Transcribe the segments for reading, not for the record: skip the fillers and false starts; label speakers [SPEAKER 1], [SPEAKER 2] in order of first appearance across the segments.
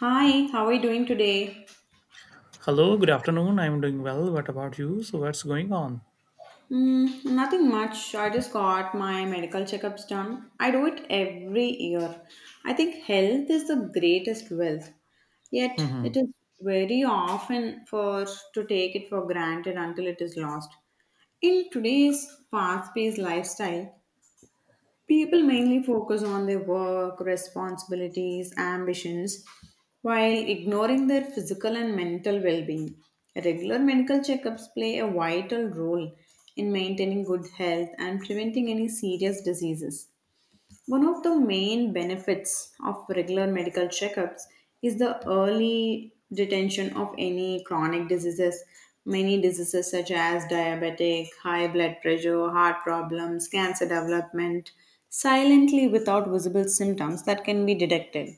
[SPEAKER 1] Hi, how are you doing today?
[SPEAKER 2] Hello, good afternoon. I'm doing well. What about you? So, what's going on?
[SPEAKER 1] Mm, nothing much. I just got my medical checkups done. I do it every year. I think health is the greatest wealth. Yet
[SPEAKER 2] hmm
[SPEAKER 1] it is very often for to take it for granted until it is lost. In today's fast-paced lifestyle, people mainly focus on their work, responsibilities, ambitions, while ignoring their physical and mental well being. Regular medical checkups play a vital role in maintaining good health and preventing any serious diseases. One of the main benefits of regular medical checkups is the early detection of any chronic diseases. Many diseases such as diabetic, high blood pressure, heart problems, cancer development silently without visible symptoms that can be detected.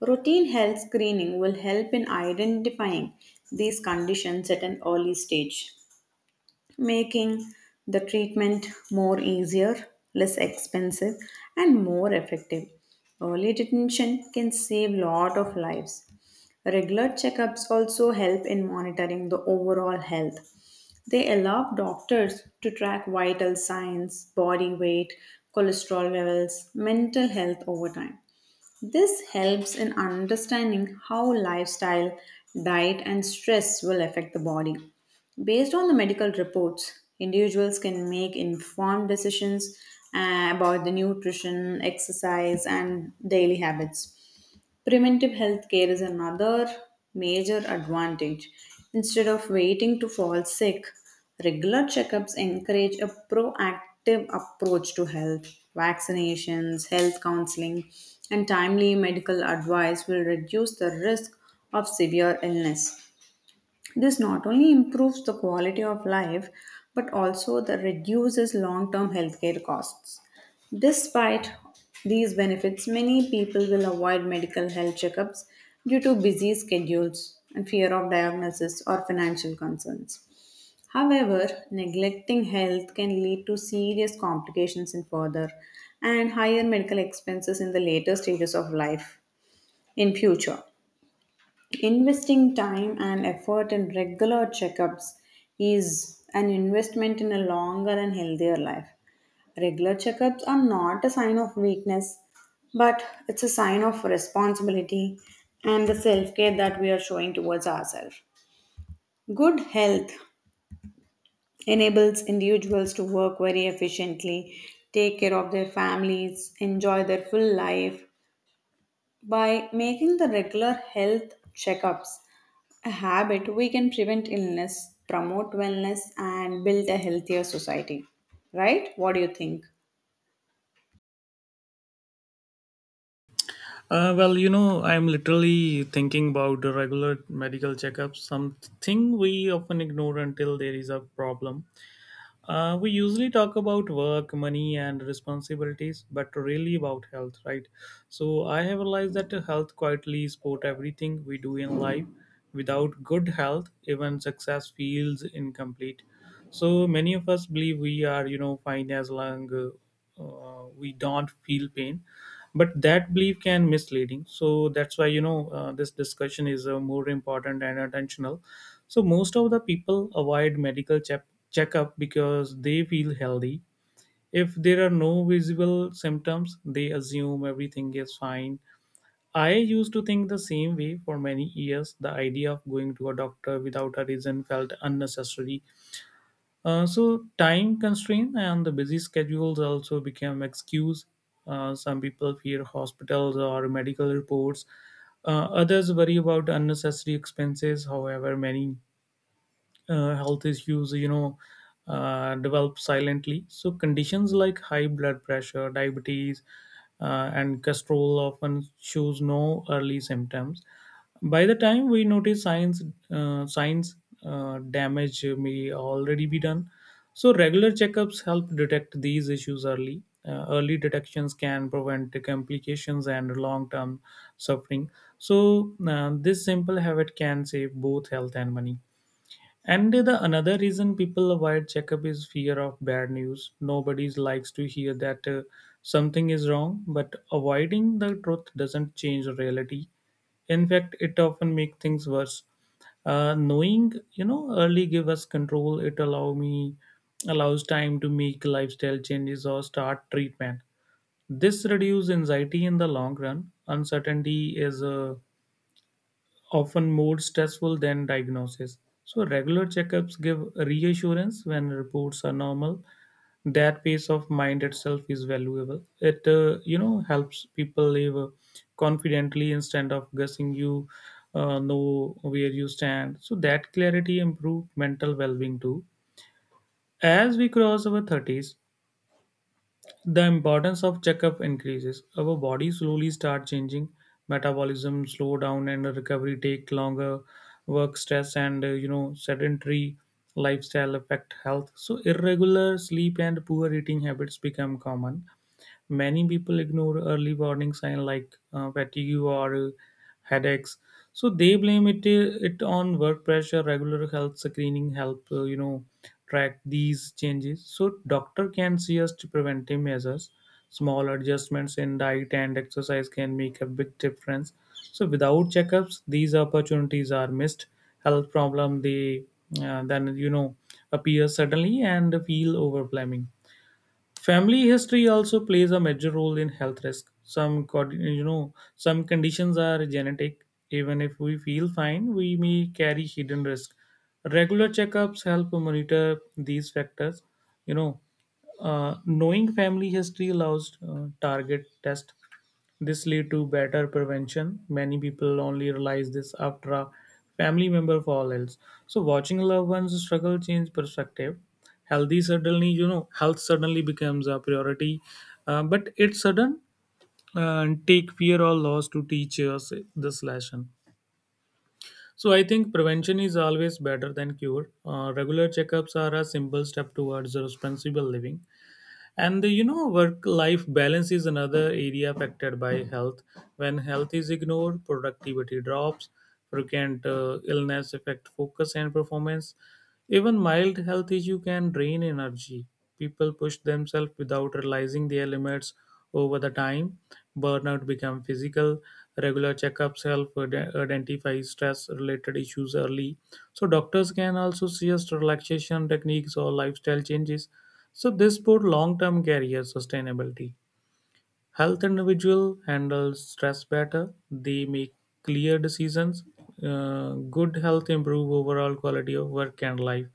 [SPEAKER 1] Routine health screening will help in identifying these conditions at an early stage making the treatment more easier, less expensive, and more effective. Early detention can save lot of lives. Regular checkups also help in monitoring the overall health. They allow doctors to track vital signs, body weight, cholesterol levels, mental health over time. This helps in understanding how lifestyle, diet, and stress will affect the body. Based on the medical reports, individuals can make informed decisions about the nutrition, exercise, and daily habits. Preventive healthcare is another major advantage. Instead of waiting to fall sick, regular checkups encourage a proactive approach to health. Vaccinations, health counseling, and timely medical advice will reduce the risk of severe illness. This not only improves the quality of life but also the reduces long-term healthcare costs. Despite these benefits, many people will avoid medical health checkups due to busy schedules and fear of diagnosis or financial concerns. However, neglecting health can lead to serious complications in further and higher medical expenses in the later stages of life in future. Investing time and effort in regular checkups is an investment in a longer and healthier life. Regular checkups are not a sign of weakness, but it's a sign of responsibility and the self care that we are showing towards ourselves. Good health enables individuals to work very efficiently, take care of their families, enjoy their full life. By making the regular health checkups, a habit we can prevent illness, promote wellness, and build a healthier society. Right? What do you think?
[SPEAKER 2] I'm literally thinking about the regular medical checkups, something we often ignore until there is a problem. We usually talk about work, money, and responsibilities, but really about health, right? So I have realized that health quietly support everything we do in life. Without good health, even success feels incomplete. So many of us believe we are, fine as long we don't feel pain, but that belief can misleading. So that's why this discussion is more important and intentional. So most of the people avoid medical checkup because they feel healthy. If there are no visible symptoms, they assume everything is fine. I used to think the same way for many years. The idea of going to a doctor without a reason felt unnecessary. So time constraint and the busy schedules also became excuse. Some people fear hospitals or medical reports. Others worry about unnecessary expenses. However, many health issues develop silently. So conditions like high blood pressure, diabetes and cholesterol often shows no early symptoms. By the time we notice signs, damage may already be done. So regular checkups help detect these issues early. Early detections can prevent complications and long-term suffering. So this simple habit can save both health and money. And the another reason people avoid checkup is fear of bad news. Nobody likes to hear that something is wrong, but avoiding the truth doesn't change reality. In fact, it often makes things worse. Knowing, early give us control. It allows time to make lifestyle changes or start treatment. This reduces anxiety in the long run. Uncertainty is a often more stressful than diagnosis. So, regular checkups give reassurance when reports are normal. That peace of mind itself is valuable. It helps people live confidently instead of guessing. You know where you stand, so that clarity improve mental well-being too. As we cross our thirties, the importance of checkup increases. Our body slowly start changing. Metabolism slow down and recovery take longer. Work stress and sedentary lifestyle affect health. So irregular sleep and poor eating habits become common. Many people ignore early warning signs like fatigue or headaches, so they blame it on work pressure. Regular health screening help track these changes, so doctor can suggest preventive measures. Small adjustments in diet and exercise can make a big difference, so without checkups these opportunities are missed. Health problem they then you know appear suddenly and feel overwhelming. Family history also plays a major role in health risk. Some conditions are genetic. Even if we feel fine, we may carry hidden risk. Regular checkups help monitor these factors. You know, knowing family history allows target test. This lead to better prevention. Many people only realize this after a family member falls ill. So watching loved ones struggle change perspective. Healthy suddenly you know health suddenly becomes a priority. Uh, but it's sudden take fear or loss to teach us this lesson. So I think prevention is always better than cure. Uh, regular checkups are a simple step towards responsible living. And the, you know Work life balance is another area affected by health. When health is ignored productivity drops. Frequent illness affect focus and performance. Even mild health issue can drain energy. People push themselves without realizing their limits. Over the time burnout become physical. Regular checkups help identify stress related issues early, so doctors can also suggest relaxation techniques or lifestyle changes. So this support long-term career sustainability. Health individual handles stress better. They make clear decisions. Good health improve overall quality of work and life.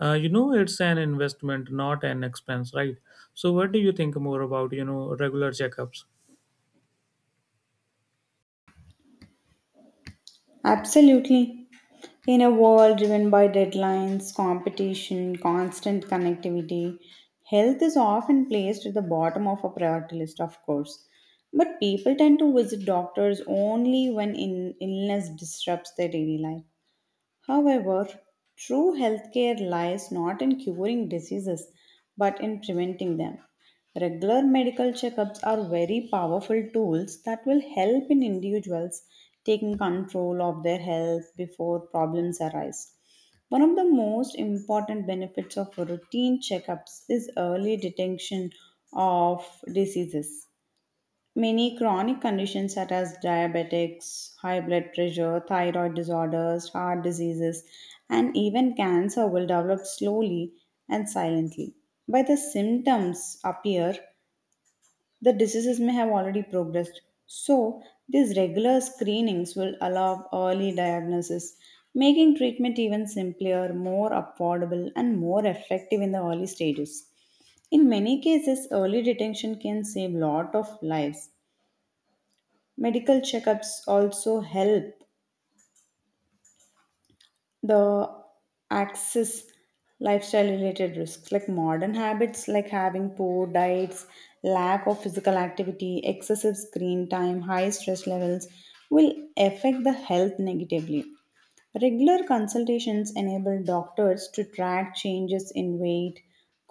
[SPEAKER 2] It's an investment, not an expense, right? So, what do you think more about regular checkups?
[SPEAKER 1] Absolutely. In a world driven by deadlines, competition, constant connectivity, health is often placed at the bottom of a priority list, of course. But people tend to visit doctors only when illness disrupts their daily life. However, true healthcare lies not in curing diseases but in preventing them. Regular medical checkups are very powerful tools that will help in individuals taking control of their health before problems arise. One of the most important benefits of routine checkups is early detection of diseases. Many chronic conditions such as diabetics, high blood pressure, thyroid disorders, heart diseases, and even cancer will develop slowly and silently. By the symptoms appear, the diseases may have already progressed. So, these regular screenings will allow early diagnosis, making treatment even simpler, more affordable, and more effective in the early stages. In many cases, early detection can save lot of lives. Medical checkups also help the access lifestyle related risks like modern habits like having poor diets, lack of physical activity, excessive screen time, high stress levels will affect the health negatively. Regular consultations enable doctors to track changes in weight,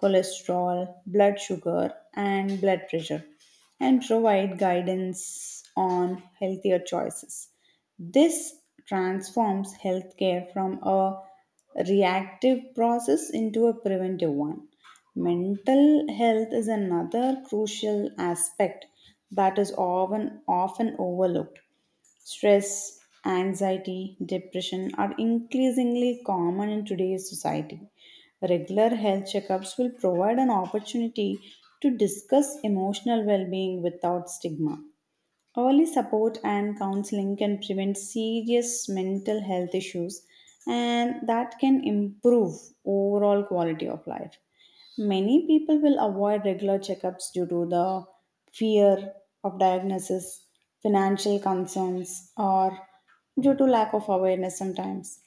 [SPEAKER 1] cholesterol, blood sugar, and blood pressure, and provide guidance on healthier choices. This transforms healthcare from a reactive process into a preventive one. Mental health is another crucial aspect that is often overlooked. Stress, anxiety, depression are increasingly common in today's society. Regular health checkups will provide an opportunity to discuss emotional well being without stigma. Early support and counseling can prevent serious mental health issues, and that can improve overall quality of life. Many people will avoid regular checkups due to the fear of diagnosis, financial concerns, or due to lack of awareness sometimes.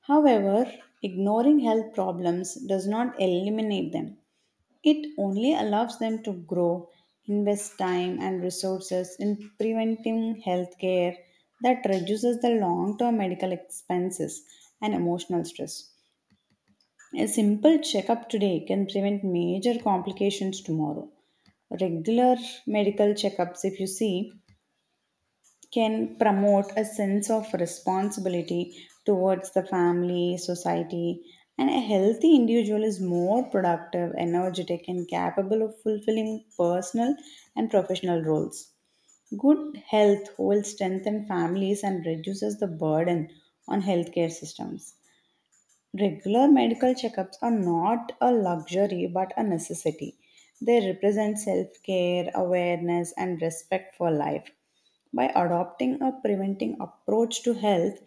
[SPEAKER 1] However, ignoring health problems does not eliminate them. It only allows them to grow, invest time and resources in preventing healthcare that reduces the long term medical expenses and emotional stress. A simple checkup today can prevent major complications tomorrow. Regular medical checkups, if you see, can promote a sense of responsibility towards the family, society, and a healthy individual is more productive, energetic, and capable of fulfilling personal and professional roles. Good health will strengthen families and reduces the burden on healthcare systems. Regular medical checkups are not a luxury but a necessity. They represent self care, awareness, and respect for life. By adopting a preventing approach to health,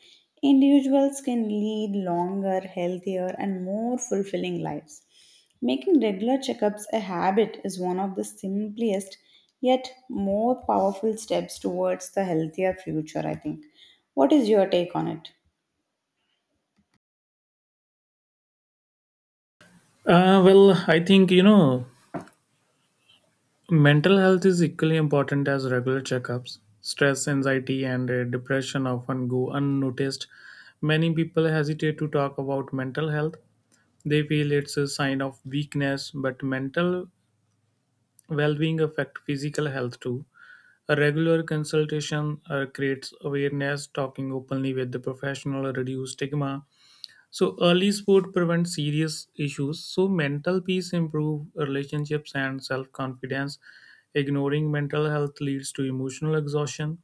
[SPEAKER 1] individuals can lead longer, healthier, and more fulfilling lives. Making regular checkups a habit is one of the simplest yet more powerful steps towards the healthier future, I think. What is your take on it?
[SPEAKER 2] I think mental health is equally important as regular checkups. Stress, anxiety, and depression often go unnoticed. Many people hesitate to talk about mental health. They feel it's a sign of weakness, but mental well being affects physical health too. A regular consultation creates awareness. Talking openly with the professional reduces stigma, so early support prevents serious issues. So mental peace improve relationships and self-confidence. Ignoring mental health leads to emotional exhaustion.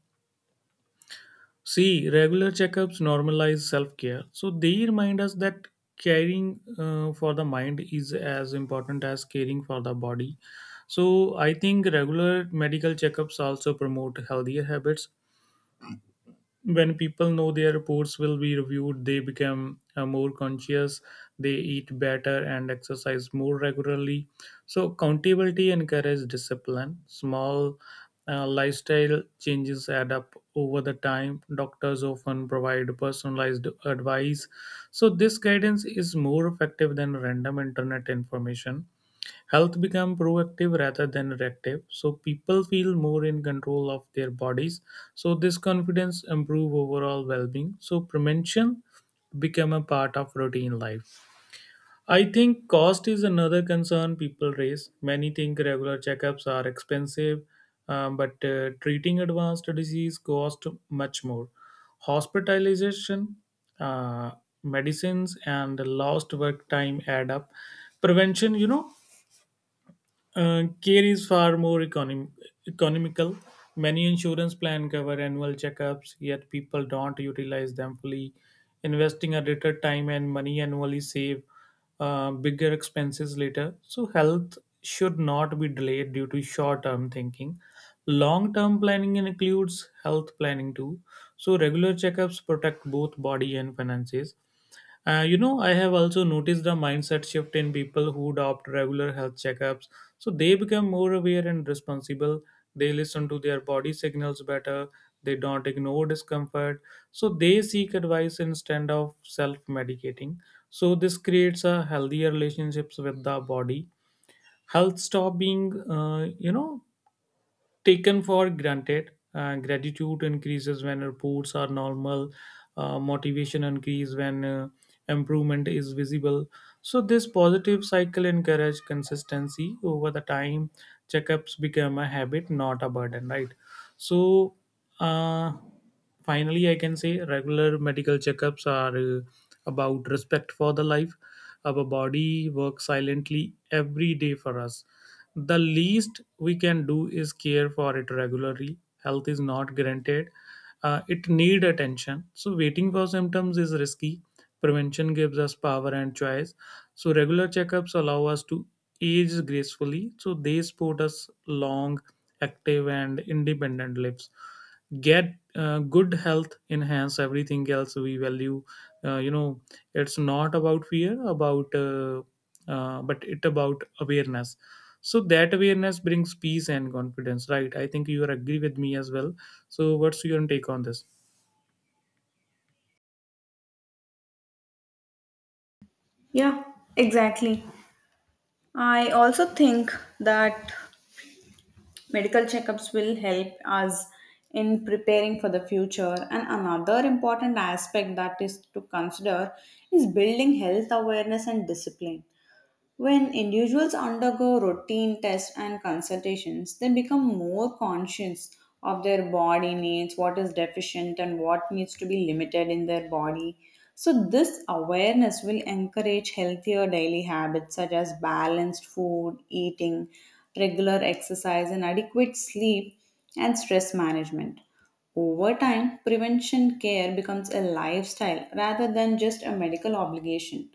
[SPEAKER 2] See, regular checkups normalize self-care. So they remind us that caring for the mind is as important as caring for the body. So I think regular medical checkups also promote healthier habits. When people know their reports will be reviewed, they become more conscious. They eat better and exercise more regularly, so accountability encourages discipline. Small lifestyle changes add up over the time. Doctors often provide personalized advice, so this guidance is more effective than random internet information. Health become proactive rather than reactive, so people feel more in control of their bodies. So this confidence improve overall well-being. So prevention become a part of routine life. I think cost is another concern people raise. Many think regular checkups are expensive, but treating advanced disease cost much more. Hospitalization, uh, medicines, and lost work time add up. Prevention, care is far more economical. Many insurance plans cover annual checkups, yet people don't utilize them fully. Investing a little time and money annually save bigger expenses later. So health should not be delayed due to short-term thinking. Long-term planning includes health planning too. So regular checkups protect both body and finances. I have also noticed the mindset shift in people who adopt regular health checkups. So they become more aware and responsible. They listen to their body signals better. They don't ignore discomfort. So they seek advice instead of self medicating. So this creates a healthier relationships with the body. Health stop being, taken for granted. Gratitude increases when reports are normal. Motivation increases when improvement is visible. So this positive cycle encourages consistency over the time. Checkups become a habit, not a burden, right? So uh, finally, I can say regular medical checkups are about respect for the life. Our body works silently every day for us. The least we can do is care for it regularly. Health is not guaranteed. It need attention. So waiting for symptoms is risky. Prevention gives us power and choice. So regular checkups allow us to age gracefully. So they support us long, active, and independent lives. Get good health enhance everything else we value. uh, you know it's not about fear about but it about awareness. So that awareness brings peace and confidence, right? I think you are agree with me as well. So what's your take on this?
[SPEAKER 1] Yeah, exactly. I also think that medical checkups will help us in preparing for the future. And another important aspect that is to consider is building health awareness and discipline. When individuals undergo routine tests and consultations, they become more conscious of their body needs, what is deficient, and what needs to be limited in their body. So, this awareness will encourage healthier daily habits such as balanced food, eating, regular exercise, and adequate sleep and stress management. Over time, prevention care becomes a lifestyle rather than just a medical obligation.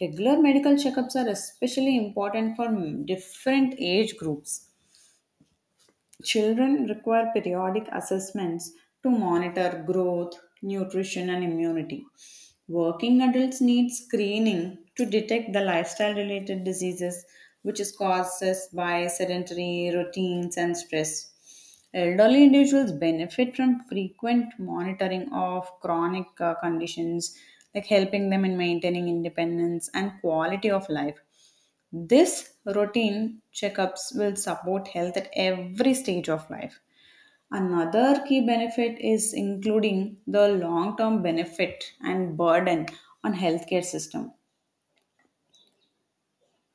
[SPEAKER 1] Regular medical checkups are especially important for different age groups. Children require periodic assessments to monitor growth, nutrition, and immunity. Working adults need screening to detect the lifestyle related diseases, which is caused by sedentary routines and stress. Elderly individuals benefit from frequent monitoring of chronic conditions, like helping them in maintaining independence and quality of life. This routine checkups will support health at every stage of life. Another key benefit is including the long term benefit and burden on healthcare system.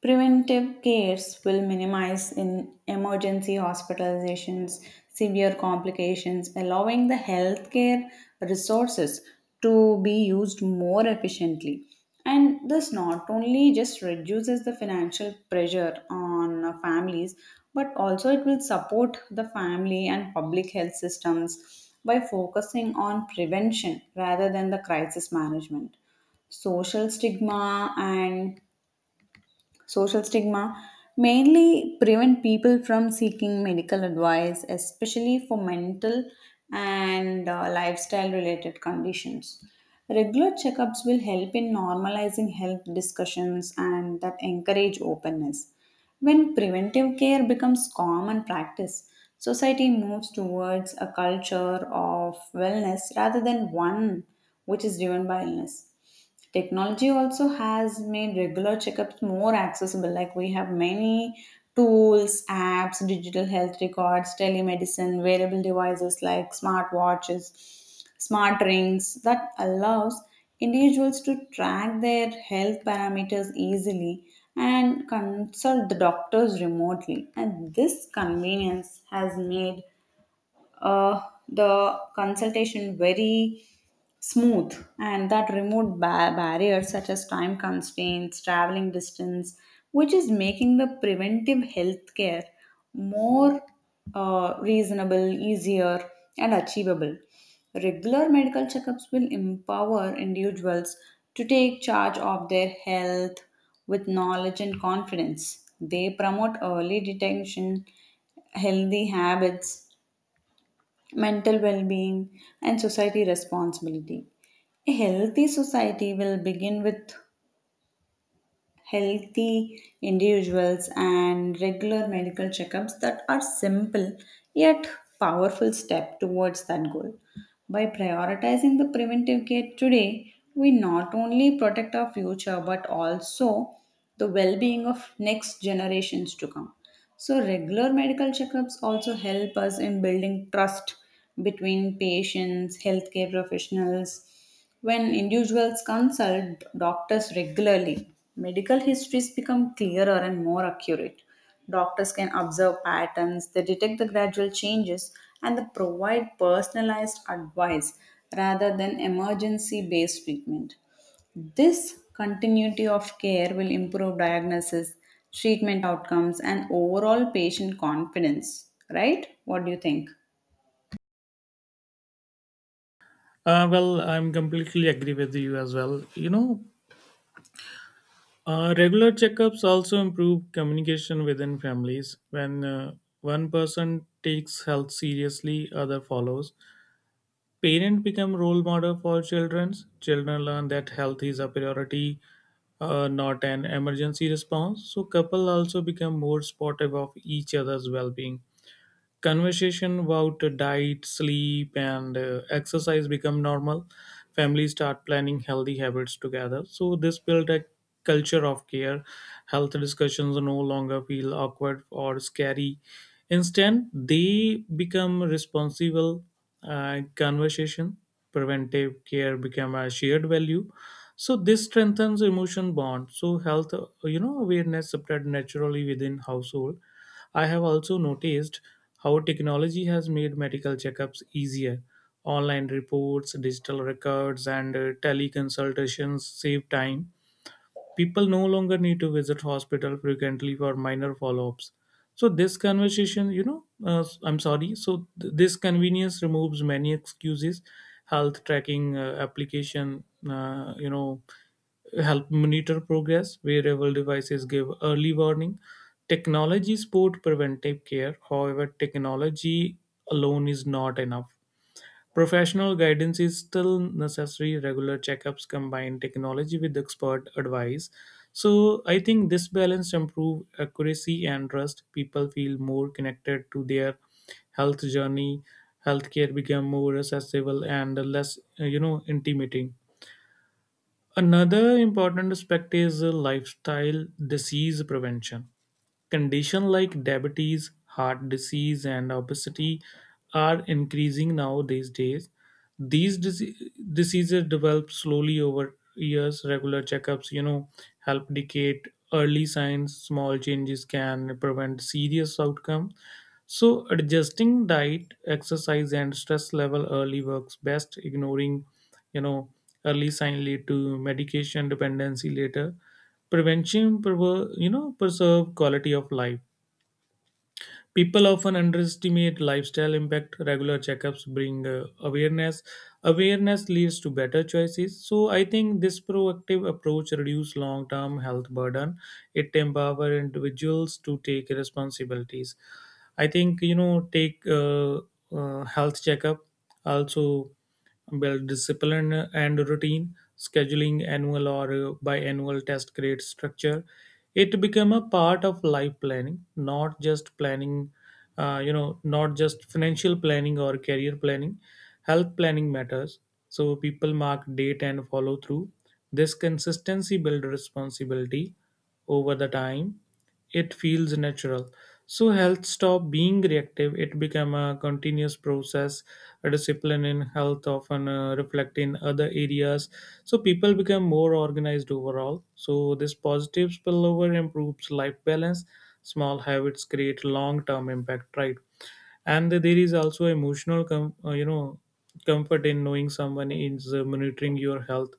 [SPEAKER 1] Preventive cares will minimize in emergency hospitalizations, severe complications, allowing the healthcare resources to be used more efficiently. And this not only just reduces the financial pressure on families, but also it will support the family and public health systems by focusing on prevention rather than the crisis management. Social stigma and social stigma mainly prevent people from seeking medical advice, especially for mental and lifestyle related conditions. Regular checkups will help in normalizing health discussions and that encourage openness. When preventive care becomes common practice, society moves towards a culture of wellness rather than one which is driven by illness. Technology also has made regular checkups more accessible. Like we have many tools, apps, digital health records, telemedicine, wearable devices like smartwatches, smart rings that allows individuals to track their health parameters easily and consult the doctors remotely. And this convenience has made uh, the consultation very smooth and that removed barriers such as time constraints, traveling distance, which is making the preventive healthcare more reasonable, easier, and achievable. Regular medical checkups will empower individuals to take charge of their health. With knowledge and confidence they promote early detection, healthy habits, mental well being, and society responsibility. A healthy society will begin with healthy individuals, and regular medical checkups that are simple yet powerful step towards that goal. By prioritizing the preventive care today, we not only protect our future but also the well-being of next generations to come. So, regular medical checkups also help us in building trust between patients, healthcare professionals. When individuals consult doctors regularly, medical histories become clearer and more accurate. Doctors can observe patterns, they detect the gradual changes, and they provide personalized advice rather than emergency based treatment. This continuity of care will improve diagnosis, treatment outcomes, and overall patient confidence, right? What do you think?
[SPEAKER 2] I'm completely agree with you as well. Regular checkups also improve communication within families. When one person takes health seriously, other follows. Parents become role model for children. Children learn that health is a priority, not an emergency response. So couple also become more supportive of each other's well-being. Conversation about diet, sleep, and exercise become normal. Families start planning healthy habits together, so this built a culture of care. Health discussions no longer feel awkward or scary. Instead they become responsible conversation. Preventive care become a shared value, so this strengthens emotion bond. So health awareness spread naturally within household. I have also noticed how technology has made medical checkups easier. Online reports, digital records, and teleconsultations save time. People no longer need to visit hospital frequently for minor follow-ups. So this conversation, you know, I'm sorry. So th- this convenience removes many excuses. Health tracking application, uh, you know, help monitor progress. Wearable devices give early warning. Technology support preventive care. However, technology alone is not enough. Professional guidance is still necessary. Regular checkups combine technology with expert advice. So I think this balance improve accuracy and trust. People feel more connected to their health journey. Healthcare become more accessible and less, intimidating. Another important aspect is lifestyle disease prevention. Conditions like diabetes, heart disease, and obesity are increasing now these days. These diseases develop slowly over years. Regular checkups, help indicate early signs. Small changes can prevent serious outcomes. So, adjusting diet, exercise, and stress level early works best. Ignoring, you know, early sign lead to medication dependency later. Prevention, prever- you know, Preserve quality of life. People often underestimate lifestyle impact. Regular checkups bring awareness. Awareness leads to better choices. So I think this proactive approach reduces long-term health burden. It empowers individuals to take responsibilities. I think take health checkup also. Well, discipline and routine, scheduling annual or biannual test grade structure, it become a part of life planning, not just planning, not just financial planning or career planning. Health planning matters. So people mark date and follow through. This consistency build responsibility over the time. It feels natural. So health stop being reactive. It became a continuous process. A discipline in health often reflect in other areas. So people become more organized overall. So this positive spillover improves life balance. Small habits create long-term impact, right? And there is also emotional comfort in knowing someone is monitoring your health.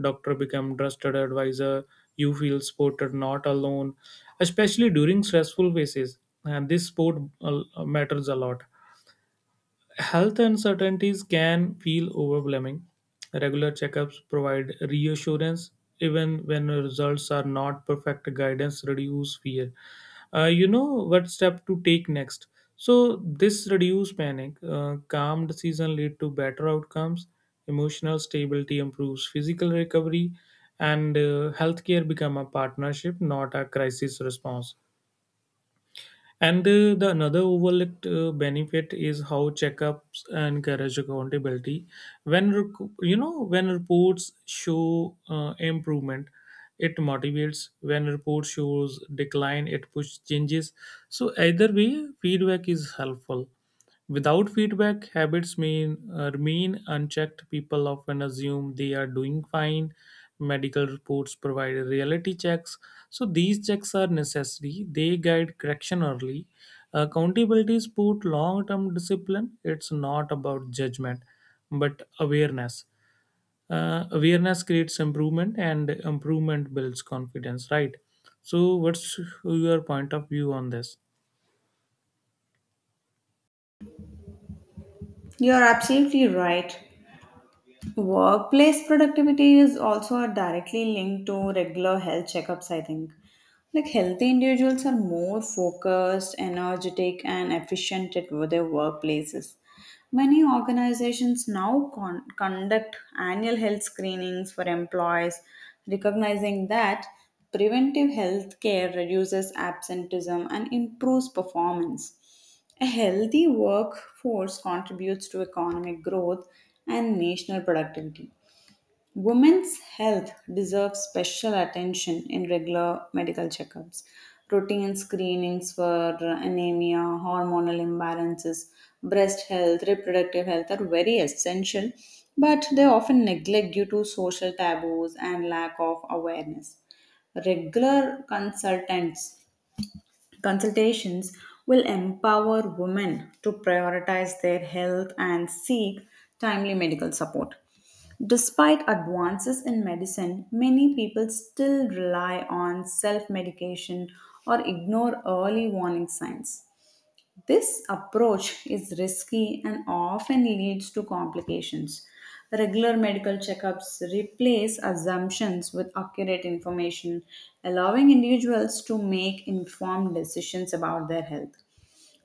[SPEAKER 2] Doctor become trusted advisor. You feel supported, not alone, especially during stressful phases, and this support matters a lot. Health uncertainties can feel overwhelming. Regular checkups provide reassurance even when results are not perfect. Guidance reduce fear. What step to take next. So this reduce panic. Calm decision lead to better outcomes. Emotional stability improves physical recovery, and healthcare become a partnership, not a crisis response. And the another overlooked benefit is how checkups and garage accountability. When reports show improvement, it motivates. When report shows decline, it pushes changes. So either way, feedback is helpful. Without feedback, habits mean remain unchecked. People often assume they are doing fine. Medical reports provide reality checks. So these checks are necessary. They guide correction early. Accountability support long-term discipline. It's not about judgment, but awareness. Awareness creates improvement, and improvement builds confidence. Right. So, what's your point of view on this?
[SPEAKER 1] You're absolutely right. Workplace productivity is also directly linked to regular health checkups, I think. Like healthy individuals are more focused, energetic, and efficient at their workplaces. Many organizations now conduct annual health screenings for employees, recognizing that preventive health care reduces absenteeism and improves performance. A healthy workforce contributes to economic growth and national productivity. Women's health deserves special attention in regular medical checkups. Routine screenings for anemia, hormonal imbalances, breast health, reproductive health are very essential, but they often neglect due to social taboos and lack of awareness. Regular consultants consultations will empower women to prioritize their health and seek timely medical support. Despite advances in medicine, many people still rely on self medication or ignore early warning signs. This approach is risky and often leads to complications. Regular medical checkups replace assumptions with accurate information, allowing individuals to make informed decisions about their health.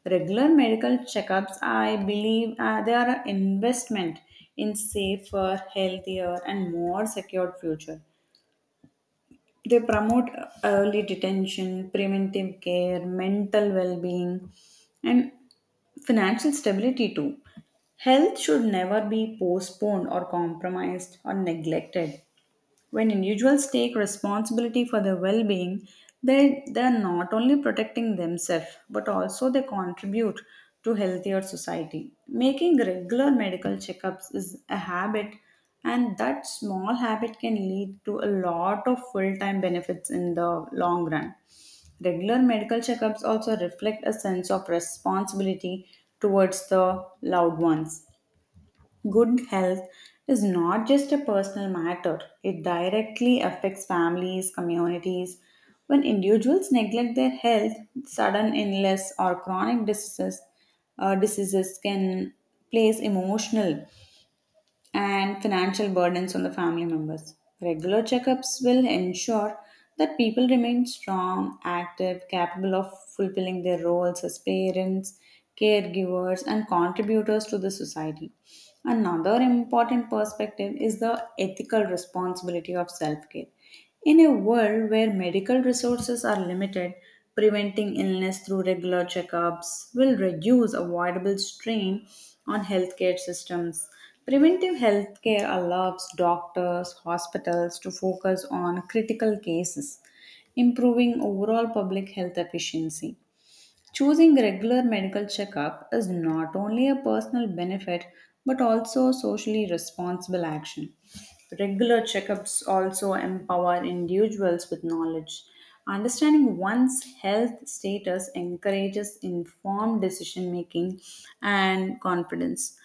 [SPEAKER 1] Regular medical checkups, I believe, they are an investment in safer, healthier, and more secured future. They promote early detention, preventive care, mental well-being, and financial stability too. Health should never be postponed or compromised or neglected. When individuals take responsibility for their well being, they are not only protecting themselves but also they contribute to healthier society. Making regular medical checkups is a habit, and that small habit can lead to a lot of full time benefits in the long run. Regular medical checkups also reflect a sense of responsibility towards the loved ones. Good health is not just a personal matter, it directly affects families, communities. When individuals neglect their health, sudden illness or chronic diseases, diseases can place emotional and financial burdens on the family members. Regular checkups will ensure that people remain strong, active, capable of fulfilling their roles as parents, caregivers, and contributors to the society. Another important perspective is the ethical responsibility of self care. In a world where medical resources are limited, preventing illness through regular checkups will reduce avoidable strain on healthcare systems. Preventive healthcare allows doctors, hospitals to focus on critical cases, improving overall public health efficiency. Choosing regular medical checkup is not only a personal benefit but also a socially responsible action. Regular checkups also empower individuals with knowledge. Understanding one's health status encourages informed decision making and confidence.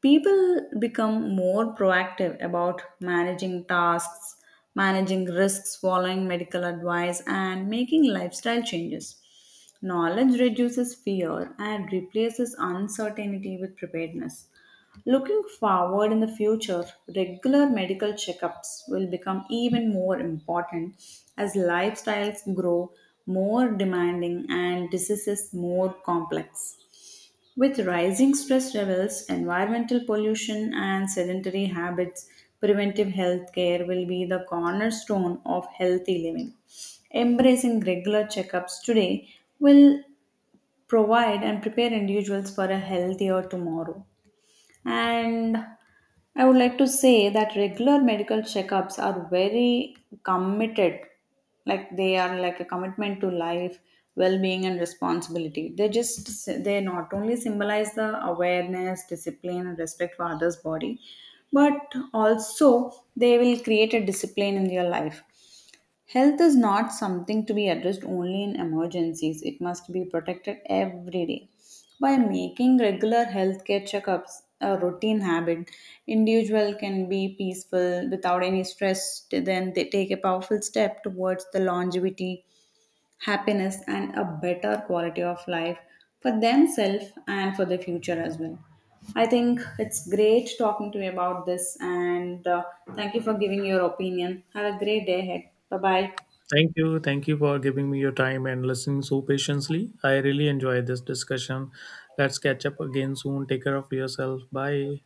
[SPEAKER 1] People become more proactive about managing risks, following medical advice, and making lifestyle changes. Knowledge reduces fear and replaces uncertainty with preparedness. Looking forward in the future, regular medical checkups will become even more important as lifestyles grow more demanding and diseases more complex. With rising stress levels, environmental pollution, and sedentary habits, preventive health care will be the cornerstone of healthy living. Embracing regular checkups today will provide and prepare individuals for a healthier tomorrow. And I would like to say that regular medical checkups are very committed, like they are like a commitment to life, well-being, and responsibility. They not only symbolize the awareness, discipline, and respect for others' body, but also they will create a discipline in your life. Health is not something to be addressed only in emergencies, it must be protected every day. By making regular healthcare checkups a routine habit, individual can be peaceful without any stress, then they take a powerful step towards the longevity, happiness and a better quality of life for themselves and for the future as well. I think it's great talking to you about this and thank you for giving your opinion. Have a great day ahead. Bye bye.
[SPEAKER 2] Thank you. Thank you for giving me your time and listening so patiently. I really enjoyed this discussion. Let's catch up again soon. Take care of yourself. Bye.